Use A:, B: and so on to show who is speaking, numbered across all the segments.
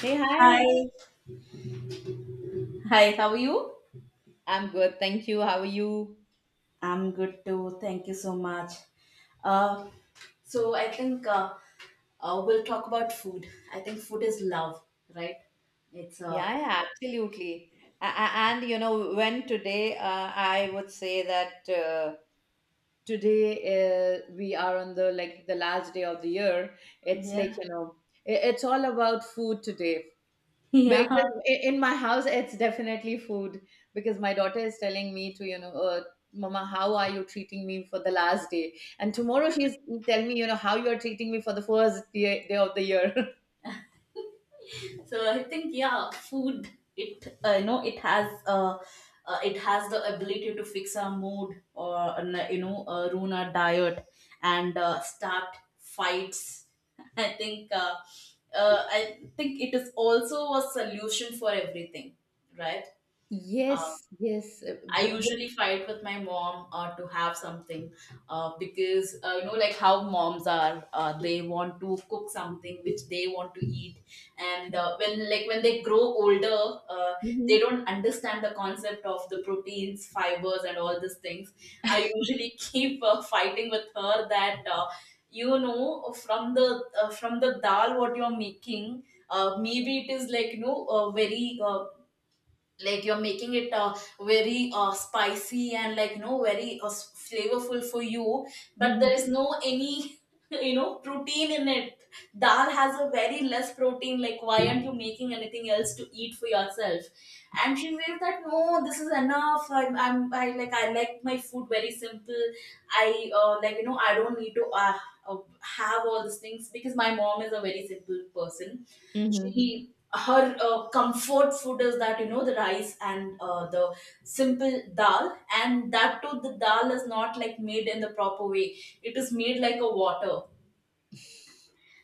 A: Hey,
B: Hi.
A: hi.
B: Hi, how are you?
A: I'm good, thank you. How are you?
B: I'm good too. Thank you so much. Uh, so I think we'll talk about food. I think food is love, right? It's
A: Yeah, yeah, absolutely. And you know, when today, I would say that today we are on the like the last day of the year. It's
B: Yeah,
A: like it's all about food today
B: yeah.
A: because in my house it's definitely food because my daughter is telling me to. Mama, how are you treating me for the last day? And tomorrow she's telling me, you know, how you're treating me for the first day, day of the year.
B: So I think, yeah, food it you know it has the ability to fix our mood or ruin our diet and start fights. i think uh, I think it is also a solution for everything, right? Uh,
A: Yes, yes.
B: I usually fight with my mom to have something, because like how moms are, they want to cook something which they want to eat. And when, like when they grow older, they
A: Mhm.
B: don't understand the concept of the proteins, fibers, and all these things. I usually keep fighting with her that, from the dal what you're making, maybe it is, like you know, very, like you're making it very, spicy and, like you know, very flavorful for you, but there
A: Mhm,
B: is no any protein in it. Dal has a very less protein, like why aren't you making anything else to eat for yourself? And she says that no, this is enough, I like my food very simple. I like you know, I don't need to have all these things because my mom is a very simple person.
A: mhm.
B: She Her comfort food is that, you know, the rice and the simple dal. And that too, the dal is not like made in the proper way, it is made like a water.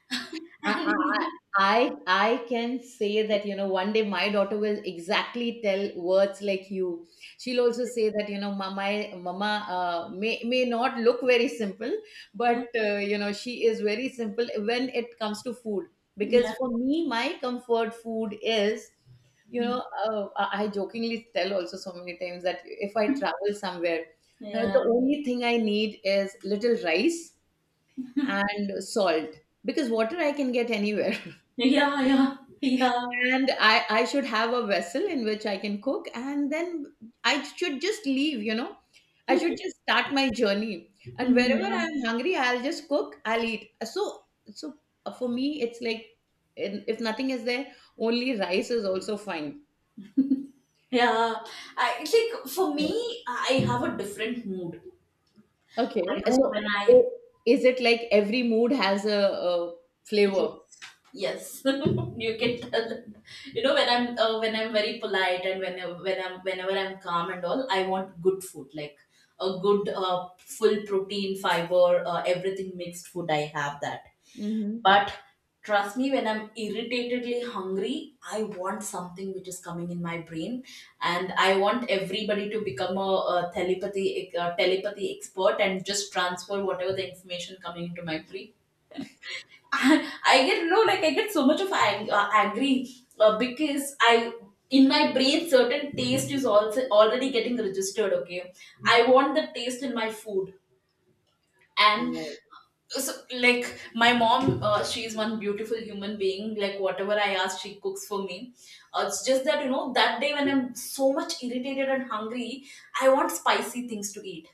A: I I
B: And,
A: I can say that you know one day my daughter will exactly tell words like you. She'll also say that you know mama may not look very simple, but you know she is very simple when it comes to food. Because
B: yeah.
A: for me, my comfort food is
B: Mhm.
A: I jokingly tell also so many times that if I travel somewhere,
B: Yeah,
A: the only thing I need is little rice and salt because water I can get anywhere.
B: yeah, yeah, yeah.
A: And I should have a vessel in which I can cook, and then I should just leave, you know. I should just start my journey. And wherever
B: Yeah,
A: I'm hungry, I'll just cook, I'll eat. So for me, it's like if nothing is there, only rice is also fine.
B: yeah. It's like, for me, I have a different mood. I
A: Okay.
B: know
A: So,
B: when I
A: i- is it like every mood has a
B: Yes,
A: flavor?
B: yes, you can tell. You know, when I'm very polite, and whenever I'm calm and all, I want good food, like a good full protein, fiber, everything mixed food. I have that,
A: Mm-hmm.
B: but trust me, when I'm irritatedly hungry, I want something which is coming in my brain, and I want everybody to become a telepathy expert and just transfer whatever the information coming into my brain. And I get no like I get so much of angry, because I, in my brain, certain taste is also already getting registered. Okay, I want the taste in my food, and,
A: Right.
B: so like my mom, she is one beautiful human being, like whatever I ask, she cooks for me. It's just that, you know, that day when I'm so much irritated and hungry, I want spicy things to eat.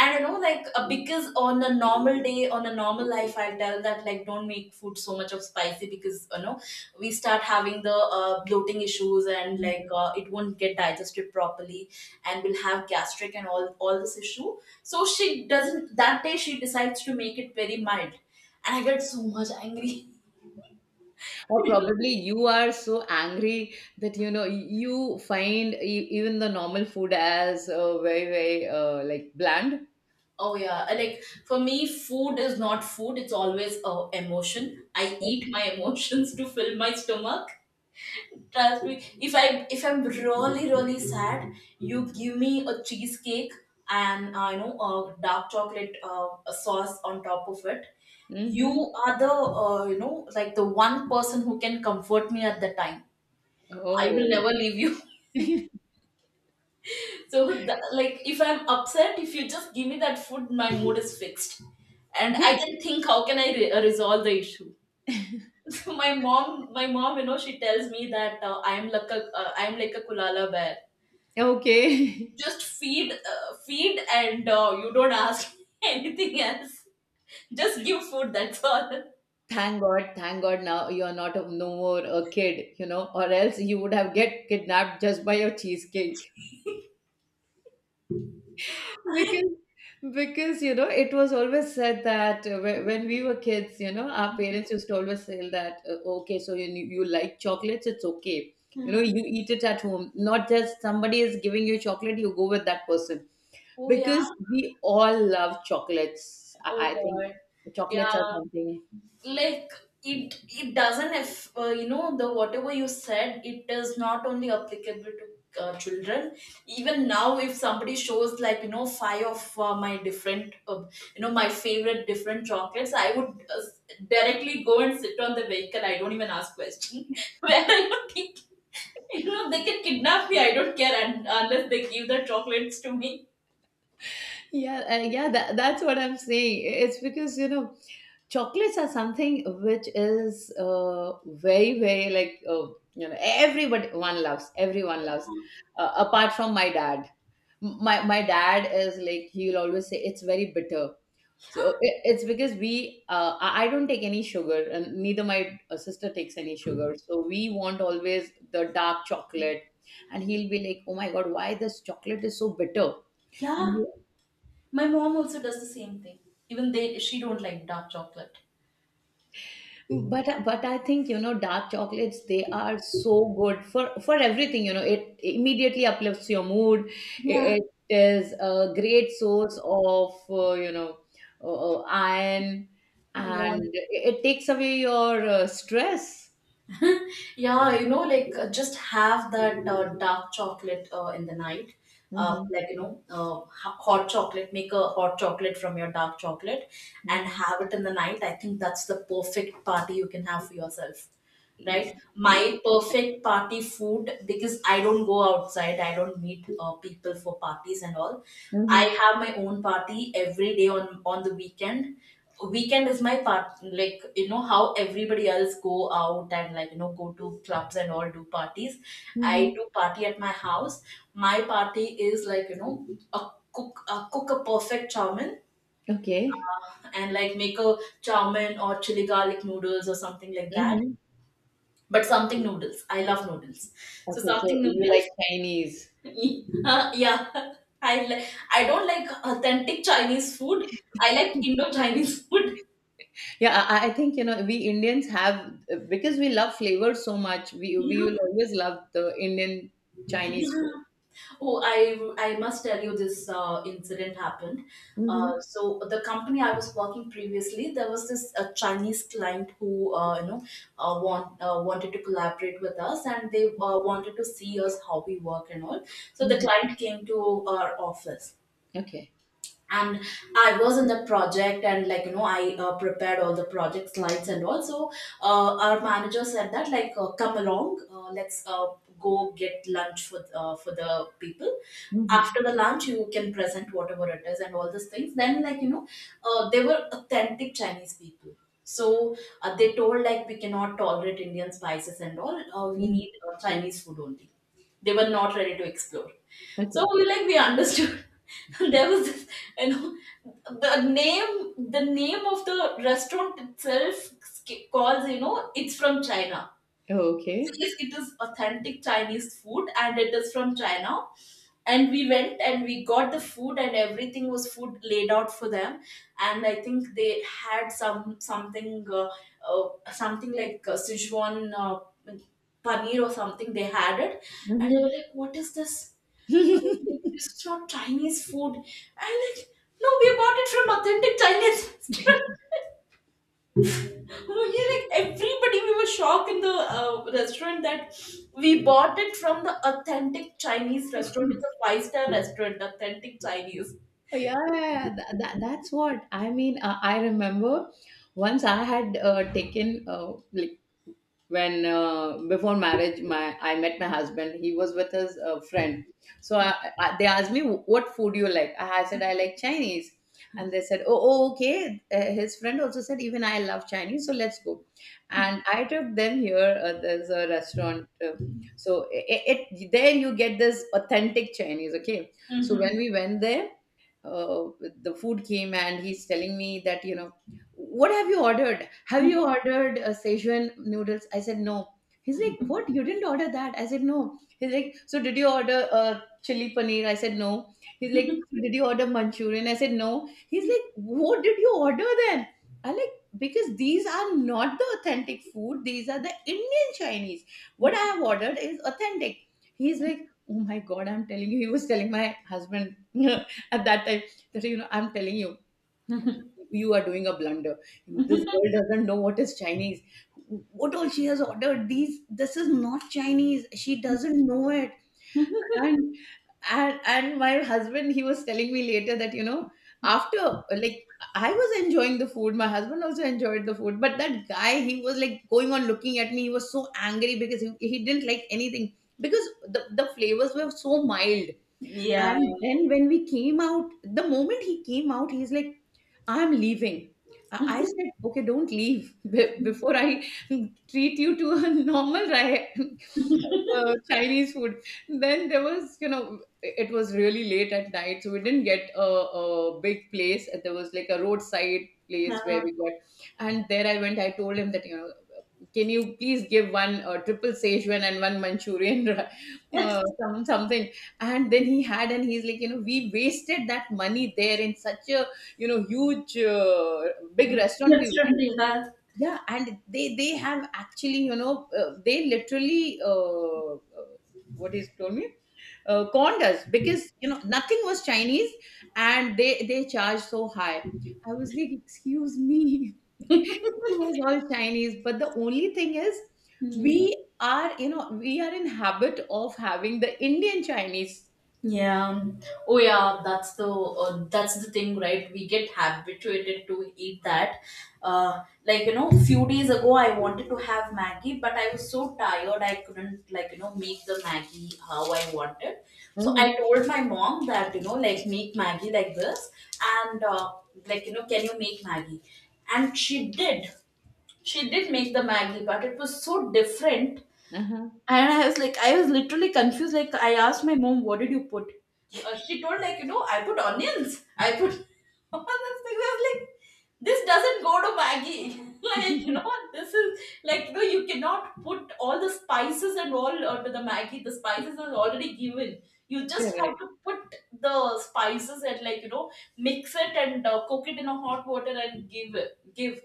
B: And you know, like, because on a normal day, on a normal life, I'll tell that, like, don't make food so much of spicy, because you know, we start having the bloating issues and, like, it won't get digested properly, and we'll have gastric and all this issue. So she doesn't, that day she decides to make it very mild. And I get so much angry.
A: Or probably you are so angry that you know you find even the normal food as very very like bland.
B: Oh yeah. I like For me, food is not food, it's always a emotion. I eat my emotions to fill my stomach. Trust me, if I if I'm really really sad, you give me a cheesecake and, a dark chocolate, a sauce on top of it. You
A: Mm-hmm.
B: are the, like, the one person who can comfort me at the time. I will
A: Oh.
B: never leave you.
A: Yeah.
B: So the, like if I'm upset, if you just give me that food, my mood is fixed, and I can think, how can I resolve the issue? So my mom, you know, she tells me that, I'm like a kulala bear.
A: Okay.
B: Just feed, and, you don't ask anything else. Just give food. That's all.
A: Thank god, thank god now you are not a, no more a kid you know, or else you would have get kidnapped just by your cheesecake because because you know it was always said that when we were kids you know our parents used to always say that okay so you like chocolates, it's okay, you know
B: Hmm.
A: you eat it at home, not just somebody is giving you chocolate you go with that person
B: Oh yeah.
A: because we all love chocolates.
B: Oh
A: I think
B: God.
A: chocolates
B: Yeah.
A: are something.
B: Like, it doesn't, if, the whatever you said, it is not only applicable to children. Even now, if somebody shows, like you know, five of my different, my favorite different chocolates, I would, uh, directly go and sit on the vehicle, I don't even ask question, where I would think, you know, they can kidnap me, I don't care, and unless they give the chocolates to me.
A: Yeah, yeah, that's what I'm saying. It's because, you know, chocolates are something which is very, very you know, everybody, one loves, everyone loves, apart from my dad. My, my dad is like, he'll always say it's very bitter. So it's because we, I don't take any sugar and neither my sister takes any sugar. So we want always the dark chocolate. And he'll be like, oh my God, why this chocolate is so bitter? And.
B: Yeah. My mom also does the same thing. Even they She don't like dark chocolate.
A: But I think you know dark chocolates, they are so good for everything, you know it immediately uplifts your mood,
B: Yeah,
A: it is a great source of you know, iron,
B: yeah.
A: and it takes away your stress.
B: Yeah, you know, like, just have that dark chocolate in the night.
A: Mm-hmm.
B: Like, you know, hot chocolate, make a hot chocolate from your dark chocolate and
A: Mm-hmm.
B: have it in the night. I think that's the perfect party you can have for yourself, right?
A: Exactly.
B: My perfect party food, because I don't go outside, I don't meet people for parties and all.
A: Mm-hmm.
B: I have my own party every day on the weekend. Weekend is my part, like you know how everybody else go out and, like you know, go to clubs and all, do parties. I
A: Mm-hmm.
B: do party at my house. My party is, like you know, a, cook a perfect chowmin,
A: Okay.
B: and like make a chowmin or chili garlic noodles or something like that,
A: Hmm.
B: but something noodles. I love noodles. So
A: Okay, so
B: something
A: you like
B: noodles.
A: Chinese.
B: Yeah, I li- I don't like authentic Chinese food. I like Indo Chinese food.
A: Yeah, I think you know we Indians have, because we love flavors so much. We
B: Yeah,
A: will always love the Indian Chinese food.
B: yeah. Oh, I must tell you this incident happened. Uh,
A: Hmm.
B: so the company I was working previously, there was this Chinese client who, wanted to collaborate with us, and they wanted to see us how we work and all. So the
A: Hmm.
B: client came to our office,
A: Okay.
B: and I was in the project and, like you know, I prepared all the project slides, and also our manager said that, like, come along, let's go get lunch for the people.
A: Hmm.
B: After the lunch you can present whatever it is and all these things. Then, like you know, they were authentic Chinese people, so they told, like, we cannot tolerate Indian spices and all, we
A: Hmm.
B: need Chinese food only. They were not ready to explore. So
A: Okay.
B: we, like, we understood. There was this, you know, the name of the restaurant itself calls, you know, it's from China.
A: Okay.
B: Yes, it is authentic Chinese food and it is from China. And we went and we got the food, and everything was food laid out for them. And I think they had something, something like Sichuan paneer or something. They had it, and they were
A: Hmm.
B: like, "What is this? Like, this is not Chinese food." I'm like, "No, we bought it from authentic Chinese." restaurant." No, yeah, like everybody, we were shocked in the restaurant that we bought it from the authentic Chinese restaurant. It's a five-star restaurant, authentic Chinese.
A: Yeah, that's what I mean. I remember once I had taken when before marriage my I met my husband, he was with his friend. So they asked me what food you like. I said I like Chinese. And they said oh, oh okay, his friend also said even I love Chinese, so let's go. And I took them here, there's a restaurant, so it there you get this authentic Chinese, okay. So
B: Mm-hmm.
A: when we went there, uh, the food came and he's telling me that you know, what have you ordered? Have you ordered Szechuan noodles? I said, no. He's like, what? You didn't order that? I said, no. He's like, so did you order chili paneer? I said, no. He's like, so did you order Manchurian? I said, no. He's like, what did you order then? I like, because these are not the authentic food. These are the Indian Chinese. What I have ordered is authentic. He's like, oh my God, I'm telling you. He was telling my husband at that time that, you know, I'm telling you, you are doing a blunder. This girl doesn't know what is Chinese. What all she has ordered? These this is not Chinese. She doesn't know it. And and my husband, he was telling me later that you know, after like, I was enjoying the food. My husband also enjoyed the food, but that guy, he was like going on looking at me. He was so angry because he didn't like anything because the flavors were so mild.
B: Yeah,
A: And then when we came out, the moment he came out, he's like, I'm leaving. I said, okay, don't leave before I treat you to a normal Chinese food. Then there was, you know, it was really late at night, so we didn't get a big place. There was like a roadside place where
B: yeah.
A: we got, and there I went. I told him that, you know, can you please give one triple Szechuan and one Manchurian, you
B: Uh,
A: know, something. And then he had, and he's like, you know, we wasted that money there in such a, you know, huge, big restaurant we
B: that's from
A: went.
B: Bihar.
A: Yeah, and they have actually, you know, they literally what he's told me, conned us because you know nothing was Chinese, and they charged so high. I was like, excuse me. It was all Chinese. But the only thing is, you know, we are in habit of having the Indian Chinese.
B: Yeah. Oh, yeah. That's the thing, right? We get habituated to eat that. Like you know, few days ago, I wanted to have Maggie, but I was so tired, I couldn't, like you know, make the Maggie how I wanted. So I
A: Mhm.
B: told my mom that, you know, like, make Maggie like this, and like you know, can you make Maggie? And she did. She did make the Maggie, but it was so different,
A: Uh-huh.
B: and I was literally confused. Like, I asked my mom, "What did you put?" She told, like, you know, I put onions. I put all those things. I was like, this doesn't go to Maggie. Like, you know, this is like, you know, you cannot put all the spices and all onto the Maggie. The spices are already given. You just have to
A: Correct.
B: put the spices and, like, you know, mix it and cook it in a hot water and give it. Give.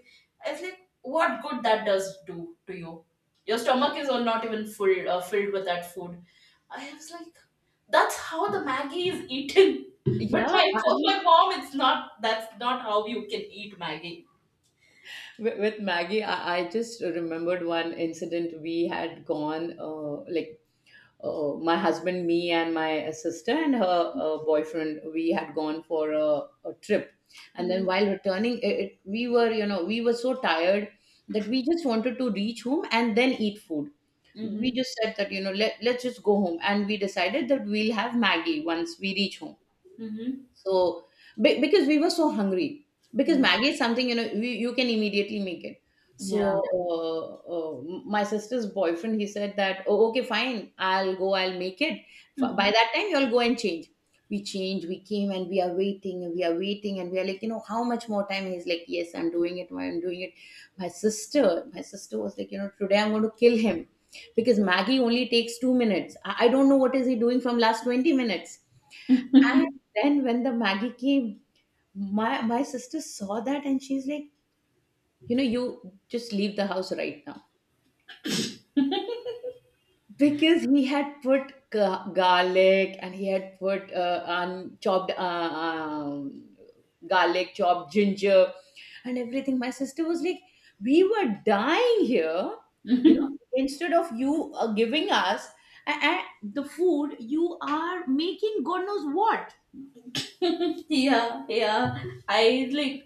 B: I was like, what good that does do to you? Your stomach is all not even full, filled with that food. I was like, that's how the Maggie is eaten.
A: Yeah, I
B: For my
A: mean,
B: mom, it's not. That's not how you can eat Maggie.
A: with Maggie, I just remembered one incident. We had gone, like, my husband, me, and my sister and her boyfriend, we had gone for a trip. And then
B: Mm-hmm.
A: while returning, we were, you know, we were so tired that we just wanted to reach home and then eat food. We just said that you know let's just go home and we decided that we'll have maggie once we reach home.
B: Mm-hmm.
A: So, because we were so hungry, because Maggie is something you know you can immediately make it.
B: Mm-hmm.
A: So, my sister's boyfriend he said that oh okay fine I'll go I'll make it.
B: Yeah.
A: By that time you'll go and change. We change. We came and we are waiting and we are waiting and we are like you know how much more time? He's like yes I'm doing it I'm doing it. My sister was like you know today I'm going to kill him because Maggie only takes 2 minutes. I don't know what is he doing from last 20 minutes. And then when the Maggie came, my sister saw that and she's like, you know, you just leave the house right now because he had put garlic and he had put chopped garlic, chopped ginger, and everything. My sister was like, we were dying here, you know. Instead of you giving us the food, you are making God knows what.
B: yeah yeah, I like,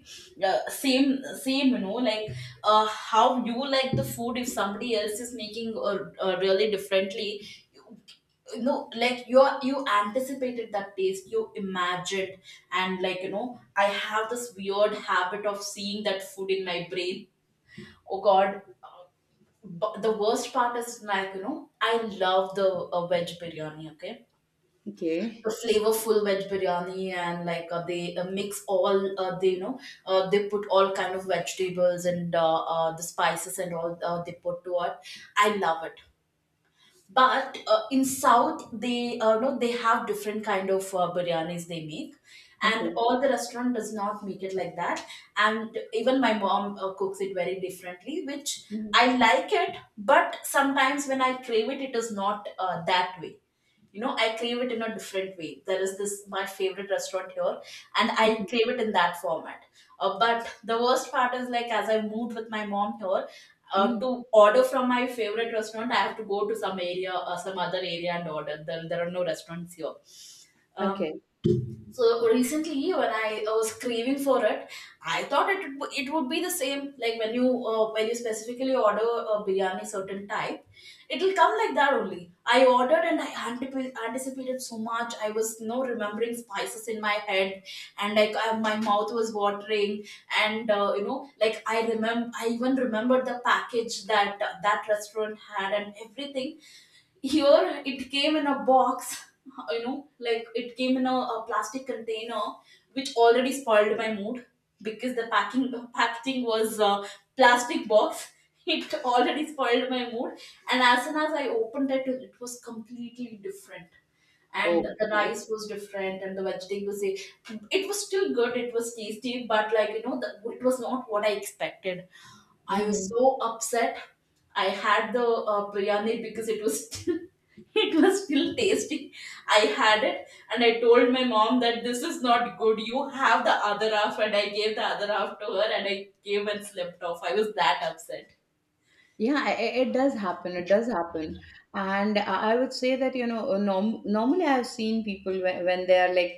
B: same same. How you like the food if somebody else is making really differently, you, you know, like you are, you anticipated that taste, you imagined. And like, I have this weird habit of seeing that food in my brain. Oh god. uh, but the worst part is, like, you know, I love the veg biryani, okay. The
A: Okay.
B: flavorful veg biryani, and like, they mix all, they, you know, they put all kind of vegetables and the spices and all, they put to it. I love it. But in south, they, no, they have different kind of biryanis they make, and
A: Okay.
B: all the restaurant does not make it like that. And even my mom cooks it very differently, which I
A: Mhm.
B: like it. But sometimes when I crave it, it is not that way. You know, I crave it in a different way. There is this my favorite restaurant here, and I
A: Mhm.
B: crave it in that format. But the worst part is, like, as I moved with my mom here,
A: Mhm.
B: to order from my favorite restaurant, I have to go to some area or some other area and order. There are no restaurants here. Um,
A: Okay.
B: so recently, when I was craving for it, I thought it it would be the same. Like when you specifically order a biryani certain type, it'll come like that only. I ordered and I anticipated so much. I was no remembering spices in my head, and like I, my mouth was watering. And you know, like I remember, I even remembered the package that that restaurant had, and everything here it came in a box, you know, like it came in a plastic container, which already spoiled my mood because the packaging was plastic box. It already spoiled my mood, and as soon as I opened it, it was completely different, and the
A: Okay.
B: rice was different and the vegetables, eh, it was still good, it was tasty, but like, you know, it was not what I expected. I was
A: Hmm.
B: so upset. I had the biryani because it was still, it was still tasty. I had it, and I told my mom that this is not good, you have the other half, and I gave the other half to her, and I gave and slipped off. I was that upset.
A: Yeah, it does happen. It does happen. And I would say that, you know, norm normally I've seen people when they are like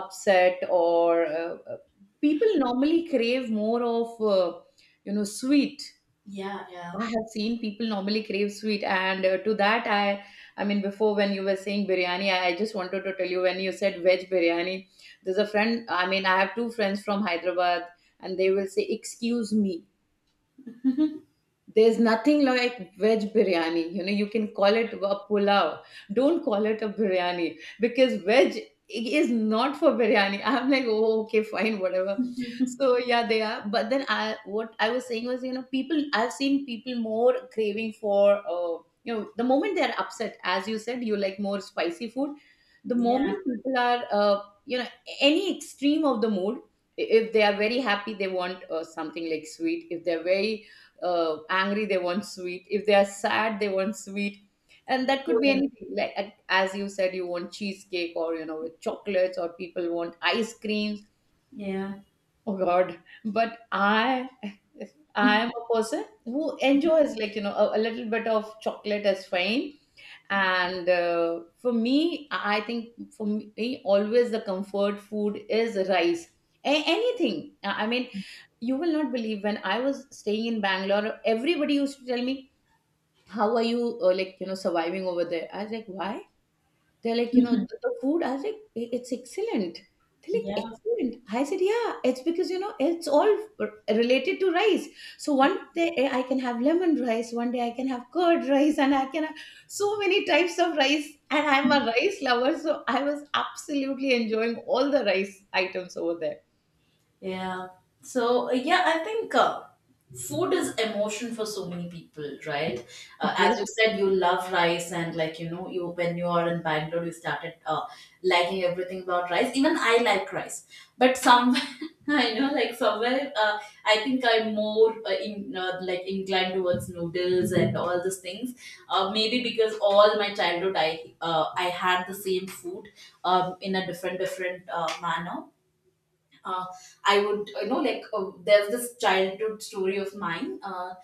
A: upset or people normally crave more of, you know, sweet.
B: Yeah, yeah.
A: I have seen people normally crave sweet. And to that, I mean, before when you were saying biryani, I just wanted to tell you when you said veg biryani, there's a friend, I mean, I have two friends from Hyderabad and they will say, excuse me. There's nothing like veg biryani. You know, you can call it a pulao. Don't call it a biryani because veg is not for biryani. I'm like, oh, okay, fine, whatever. So yeah, they are. But then what I was saying was, you know, people. I've seen people more craving for, you know, the moment they're upset, as you said, you like more spicy food. The
B: Yeah,
A: moment people are, you know, any extreme of the mood. If they are very happy, they want something like sweet. If they're very angry, they want sweet. If they are sad, they want sweet, and that could be anything like as you said, you want cheesecake, or with chocolates, or people want ice creams.
B: yeah,
A: Oh god. But I am a person who enjoys, a little bit of chocolate is fine. And for me, I think for me always the comfort food is rice. Anything. I mean, you will not believe, when I was staying in Bangalore, everybody used to tell me, how are you like, you know, surviving over there? I was like, why? They're like, you know, the food. I was like, " it's excellent. They're like,
B: yeah.
A: excellent? I said, yeah, it's because, you know, it's all related to rice. So one day I can have lemon rice, one day I can have curd rice, and I can have so many types of rice, and I'm a rice lover, so I was absolutely enjoying all the rice items over there.
B: Yeah. So, yeah, I think, food is emotion for so many people, right?
A: Yes.
B: As you said, you love rice, and like, you know, you, when you are in Bangalore, you started liking everything about rice. Even I like rice, but some. I know, like somewhere, I think I'm more in like inclined towards noodles and all these things. Maybe because all my childhood, I had the same food in a different manner. uh, I would, you know, like, there's this childhood story of mine. Uh,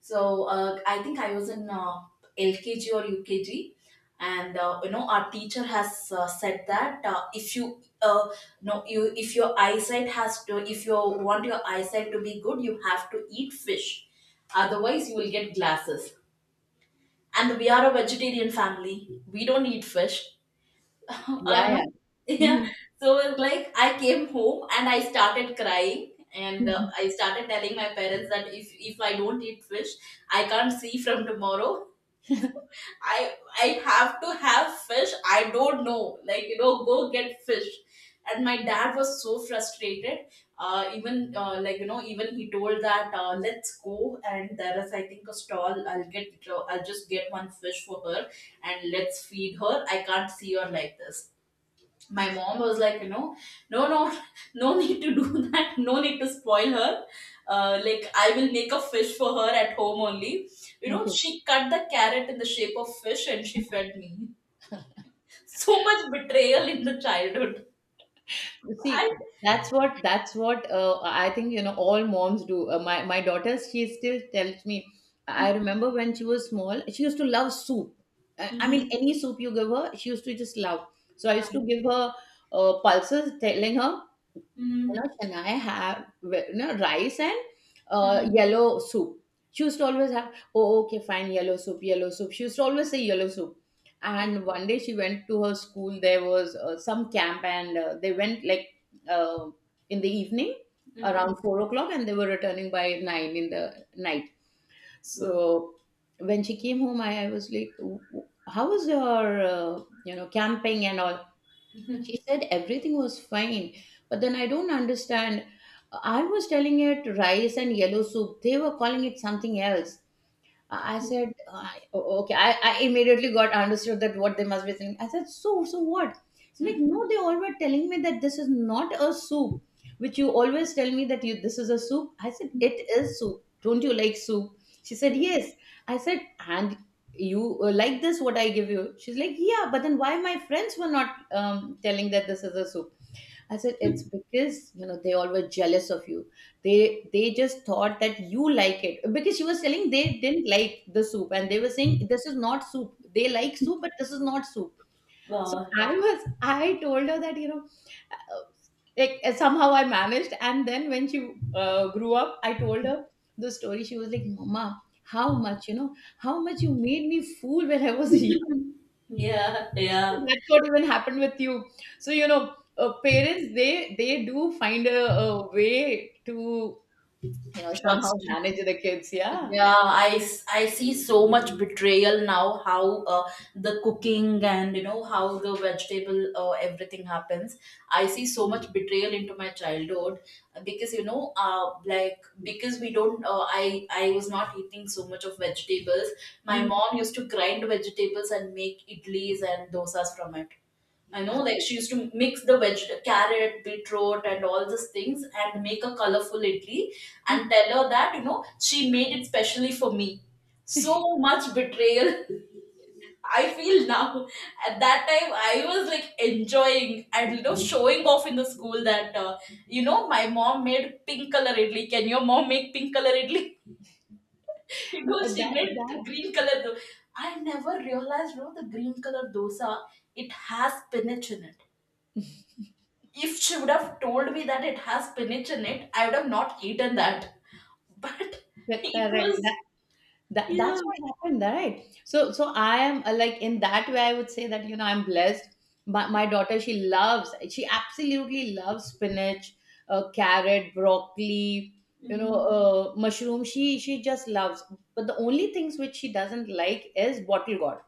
B: so uh, I think I was in LKG or UKG, and you know, our teacher has said that, if your eyesight has to, if you want your eyesight to be good, you have to eat fish, otherwise you will get glasses. And we are a vegetarian family. We don't eat fish. I
A: Yeah,
B: know.
A: yeah.
B: Yeah.
A: Mhm.
B: So it's like I came home and I started crying, and
A: Mhm.
B: I started telling my parents that if I don't eat fish, I can't see from tomorrow. I I have to have fish. I don't know. Like, you know, go get fish. And my dad was so frustrated. Even like, you know, even he told that, let's go, and there is, I think, a stall. I'll get I'll just get one fish for her, and let's feed her. I can't see her like this. My mom was like, you know, no, no, need to do that, no need to spoil her. Like, I will make a fish for her at home only. You know,
A: okay.
B: she cut the carrot in the shape of fish and she fed me. So much betrayal in the childhood.
A: You
B: I,
A: see, that's what I think, you know, all moms do. My daughter, she still tells me. I remember when she was small, she used to love soup. I mean,
B: mhm.
A: any soup you give her, she used to just love. So I used to
B: Um,
A: give her pulses, telling her, you know,
B: mhm.
A: can I have, you know, rice and
B: Mhm.
A: yellow soup. She used to always have, oh, okay, fine, yellow soup, yellow soup. She used to always say yellow soup. And one day, she went to her school. There was some camp, and they went like uh, in the evening
B: Mhm.
A: around 4 o'clock, and they were returning by 9 in the night.
B: Yeah.
A: So when she came home, I was like, How was your camping and all?" She said everything was fine, but then I don't understand. I was telling it rice and yellow soup, they were calling it something else. I said, "Oh, oh, okay. I immediately got understood that what they must be saying." I said, So what?" It's like, no, they all were telling me that this is not a soup, which you always tell me that you this is a soup. I said, it is soup. Don't you like soup? She said, yes. I said, and you like this, what I give you? She's like, yeah, but then why my friends were not telling that this is a soup? I said, it's because, you know, they all were jealous of you. They just thought that you like it, because she was telling, they didn't like the soup and they were saying, this is not soup. They like soup, but this is not soup. So
B: Wow.
A: I told her that, you know, uh, somehow I managed. And then when she grew up, I told her the story. She was like, "Mama, how much you know? How much you made me fool when I was young."
B: Yeah, yeah.
A: That's what even happened with you. So you know, parents, they do find a way to, you know, somehow
B: Trust
A: manage
B: me.
A: the kids. Yeah.
B: Yeah, I, I see so much betrayal now, how the cooking and, you know, how the vegetable everything happens. I see so much betrayal into my childhood because, you know, like because we don't I was not eating so much of vegetables. My
A: Mhm.
B: mom used to grind vegetables and make idlis and dosas from it. I know,
A: Uh,
B: like she used to mix the veg, carrot, beetroot, and all these things, and make a colorful idli, and tell her that, you know, she made it specially for me. So much betrayal. I feel now. At that time, I was like enjoying and, you know, showing off in the school that, you know, my mom made pink color idli. Can your mom make pink color idli? You
A: yeah,
B: know, she made green color. I never realized, you know, the green color dosa. It has spinach in it. If she would have told me that it has spinach in it, I would have not eaten that. But it
A: correct.
B: was,
A: That
B: yeah.
A: that's what happened, right? So so I am like, in that way I would say that, you know, I'm blessed. My daughter, she loves, she absolutely loves spinach, carrot, broccoli,
B: Mhm.
A: mushroom. She just loves. But the only things which she doesn't like is bottle gourd.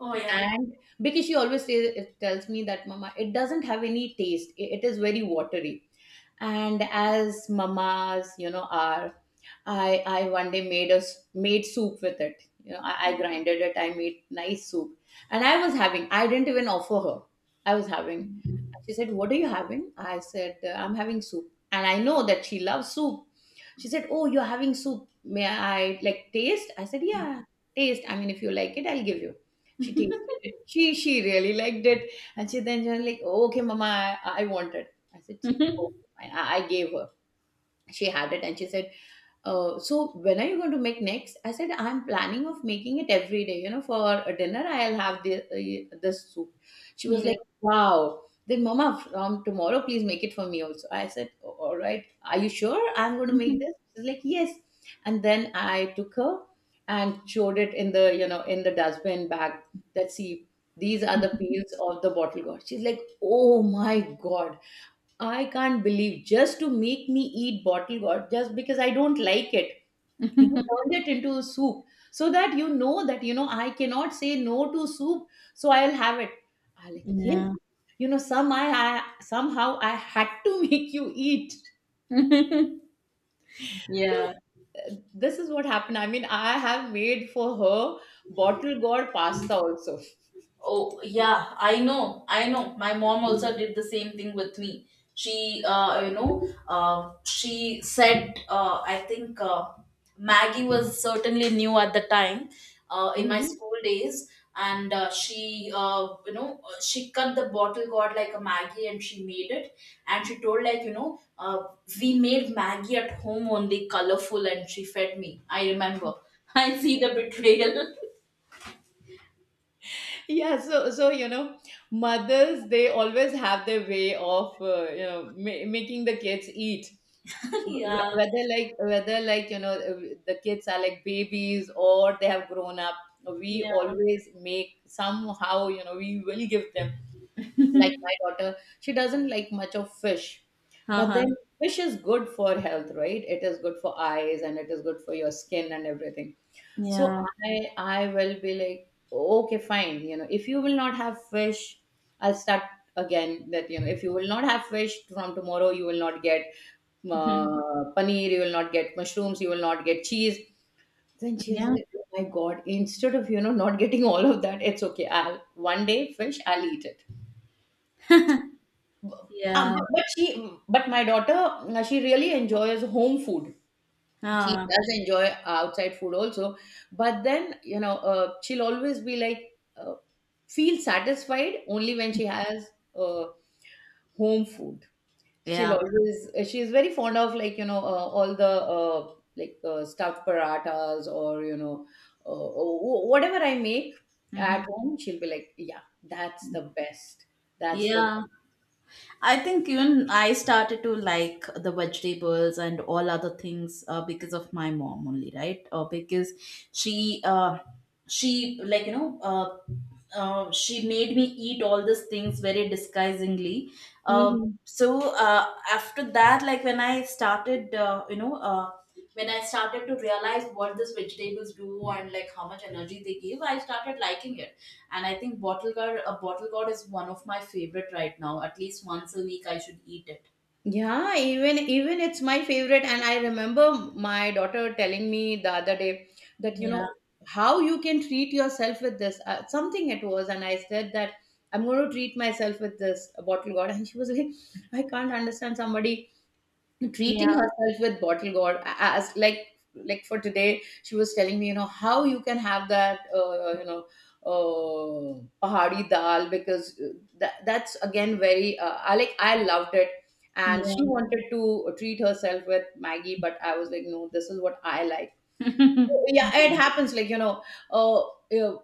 B: Oh, yeah.
A: And because she always says, it tells me that, mama, it doesn't have any taste, it is very watery. And as mamas, you know, are, I one day made soup with it. You know, I grinded it, I made nice soup, and I was having. I didn't even offer her. I was having. She said, "What are you having?" I said, ""I'm having soup," and I know that she loves soup. She said, "Oh, you're having soup. May I like taste?" I said, "Yeah, taste. I mean, if you like it, I'll give you." She tasted it. She really liked it, and she then she was like, "Okay, Mama, I want it." I said, "Gee, okay, fine." I gave her, she had it, and she said, so when are you going to make next? I said, I'm planning of making it every day, you know, for dinner I'll have this soup. She was
B: Yeah.
A: like, wow. Then, mama, from tomorrow please make it for me also. I said, all right, are you sure I'm going to make this? She's like, yes. And then I took her and showed it in the, you know, in the dustbin bag, that see, these are the peels of the bottle gourd. She's like, oh my god, I can't believe, just to make me eat bottle gourd, just because I don't like it, you turned it into soup. So that, you know, I cannot say no to soup, so I'll have it. I like, yes,
B: Yeah.
A: you know, I somehow I had to make you eat. So
B: Yeah.
A: this is what happened. I mean, I have made for her bottle gourd pasta also.
B: Oh, yeah, I know, I know. My mom also did the same thing with me. She, you know, she said, I think Maggie was certainly new at the time in my
A: Mhm.
B: school days. And she, you know, she cut the bottle got like a Maggie and she made it. And she told, like, you know, we made Maggie at home only colorful, and she fed me. I remember. I see the betrayal.
A: Yeah, so so you know, mothers, they always have their way of you know, making the kids eat.
B: Yeah,
A: Whether like, the kids are like babies or they have grown up, we
B: yeah.
A: always make somehow, you know, we will give them. Like my daughter, she doesn't like much of fish. But
B: Uh-huh.
A: then fish is good for health, right? It is good for eyes and it is good for your skin and everything. So
B: Yeah.
A: I will be like, okay, fine, you know, if you will not have fish, I'll start again. That, you know, if you will not have fish from tomorrow, you will not get paneer, you will not get mushrooms, you will not get cheese. Then she was
B: Yeah.
A: like, oh my god! Instead of, you know, not getting all of that, it's okay, I'll one day fish, I'll eat it.
B: Yeah.
A: But she, but my daughter, she really enjoys home food. She
B: Ah,
A: does enjoy outside food also, but then, you know, she'll always be like feel satisfied only when she has uh, home food. She'll
B: yeah.
A: always she's very fond of, like, you know, all the stuffed paratas, or you know, whatever I make
B: Mhm.
A: at home. She'll be like, yeah, that's the best. That's the
B: Yeah. I think even I started to like the vegetables and all other things because of my mom only, right? Because she, she, like, you know, she made me eat all these things very disguisingly. Uh,
A: best.
B: after that, like when I started, when I started to realize what these vegetables do and like how much energy they give, I started liking it. And I think a bottle gourd is one of my favorite right now. At least once a week, I should eat it.
A: Yeah, even even it's my favorite. And I remember my daughter telling me the other day, that you
B: Yeah,
A: know, how you can treat yourself with this. Something it was, and I said that I'm going to treat myself with this bottle god. And she was like, I can't understand somebody
B: yeah,
A: treating herself with bottle gourd, as like for today she was telling me, you know, how you can have that pahari dal, because that's again very I loved it. And she
B: yeah.
A: wanted to treat herself with maggie, but I was like, no, this is what I like. Yeah, it happens, like you know, uh, uh,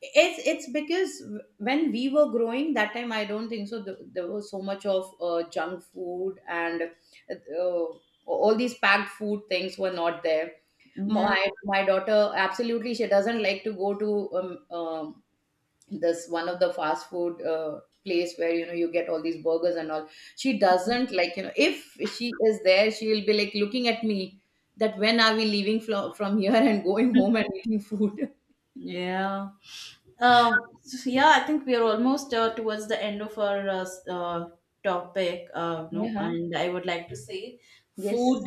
A: it's because when we were growing, that time I don't think so, there was so much of junk food and all these packed food things were not there.
B: Mm.
A: My daughter absolutely, she doesn't like to go to um, um, this, one of the fast food place, where you know you get all these burgers and all. She doesn't like, you know, if she is there, she will be like looking at me, that when are we leaving from here and going
B: Yeah.
A: home and eating food.
B: Yeah. So yeah, I think we are almost towards the end of our topic. No,
A: yeah.
B: and I would like to say, food
A: Yes.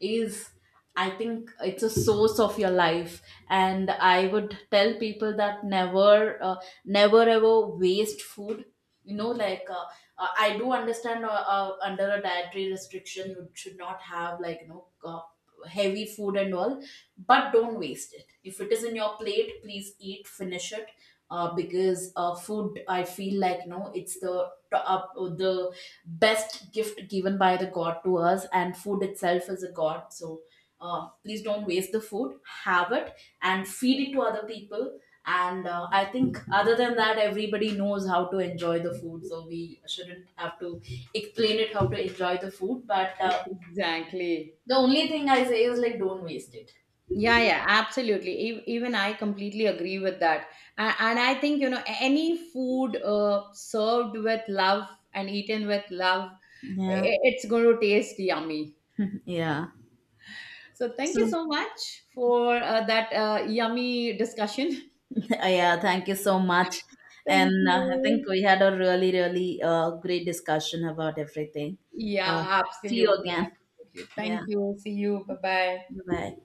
B: is, I think, it's a source of your life, and I would tell people that never, never ever waste food. You know, like, I do understand, under a dietary restriction, you should not have, like, you know, heavy food and all, but don't waste it. If it is in your plate, please eat, finish it. Because food, I feel like, no, it's the the best gift given by the god to us, and food itself is a god. So please don't waste the food, have it, and feed it to other people. And I think other than that, everybody knows how to enjoy the food, so we shouldn't have to explain it how to enjoy the food. But
A: Exactly.
B: the only thing I say is, like, don't waste it.
A: Yeah, yeah, absolutely. Even I completely agree with that. And I think, you know, any food served with love and eaten with love,
B: Yeah.
A: it's going to taste yummy.
B: Yeah.
A: So thank you
B: So,
A: so much for that yummy discussion.
B: yeah, thank you so much. And
A: Thank
B: I think
A: you.
B: we had a really, really great discussion about everything. Uh,
A: Yeah,
B: see you
A: absolutely,
B: again.
A: absolutely.
B: Yeah.
A: Thank you. See you. Bye bye.
B: Bye.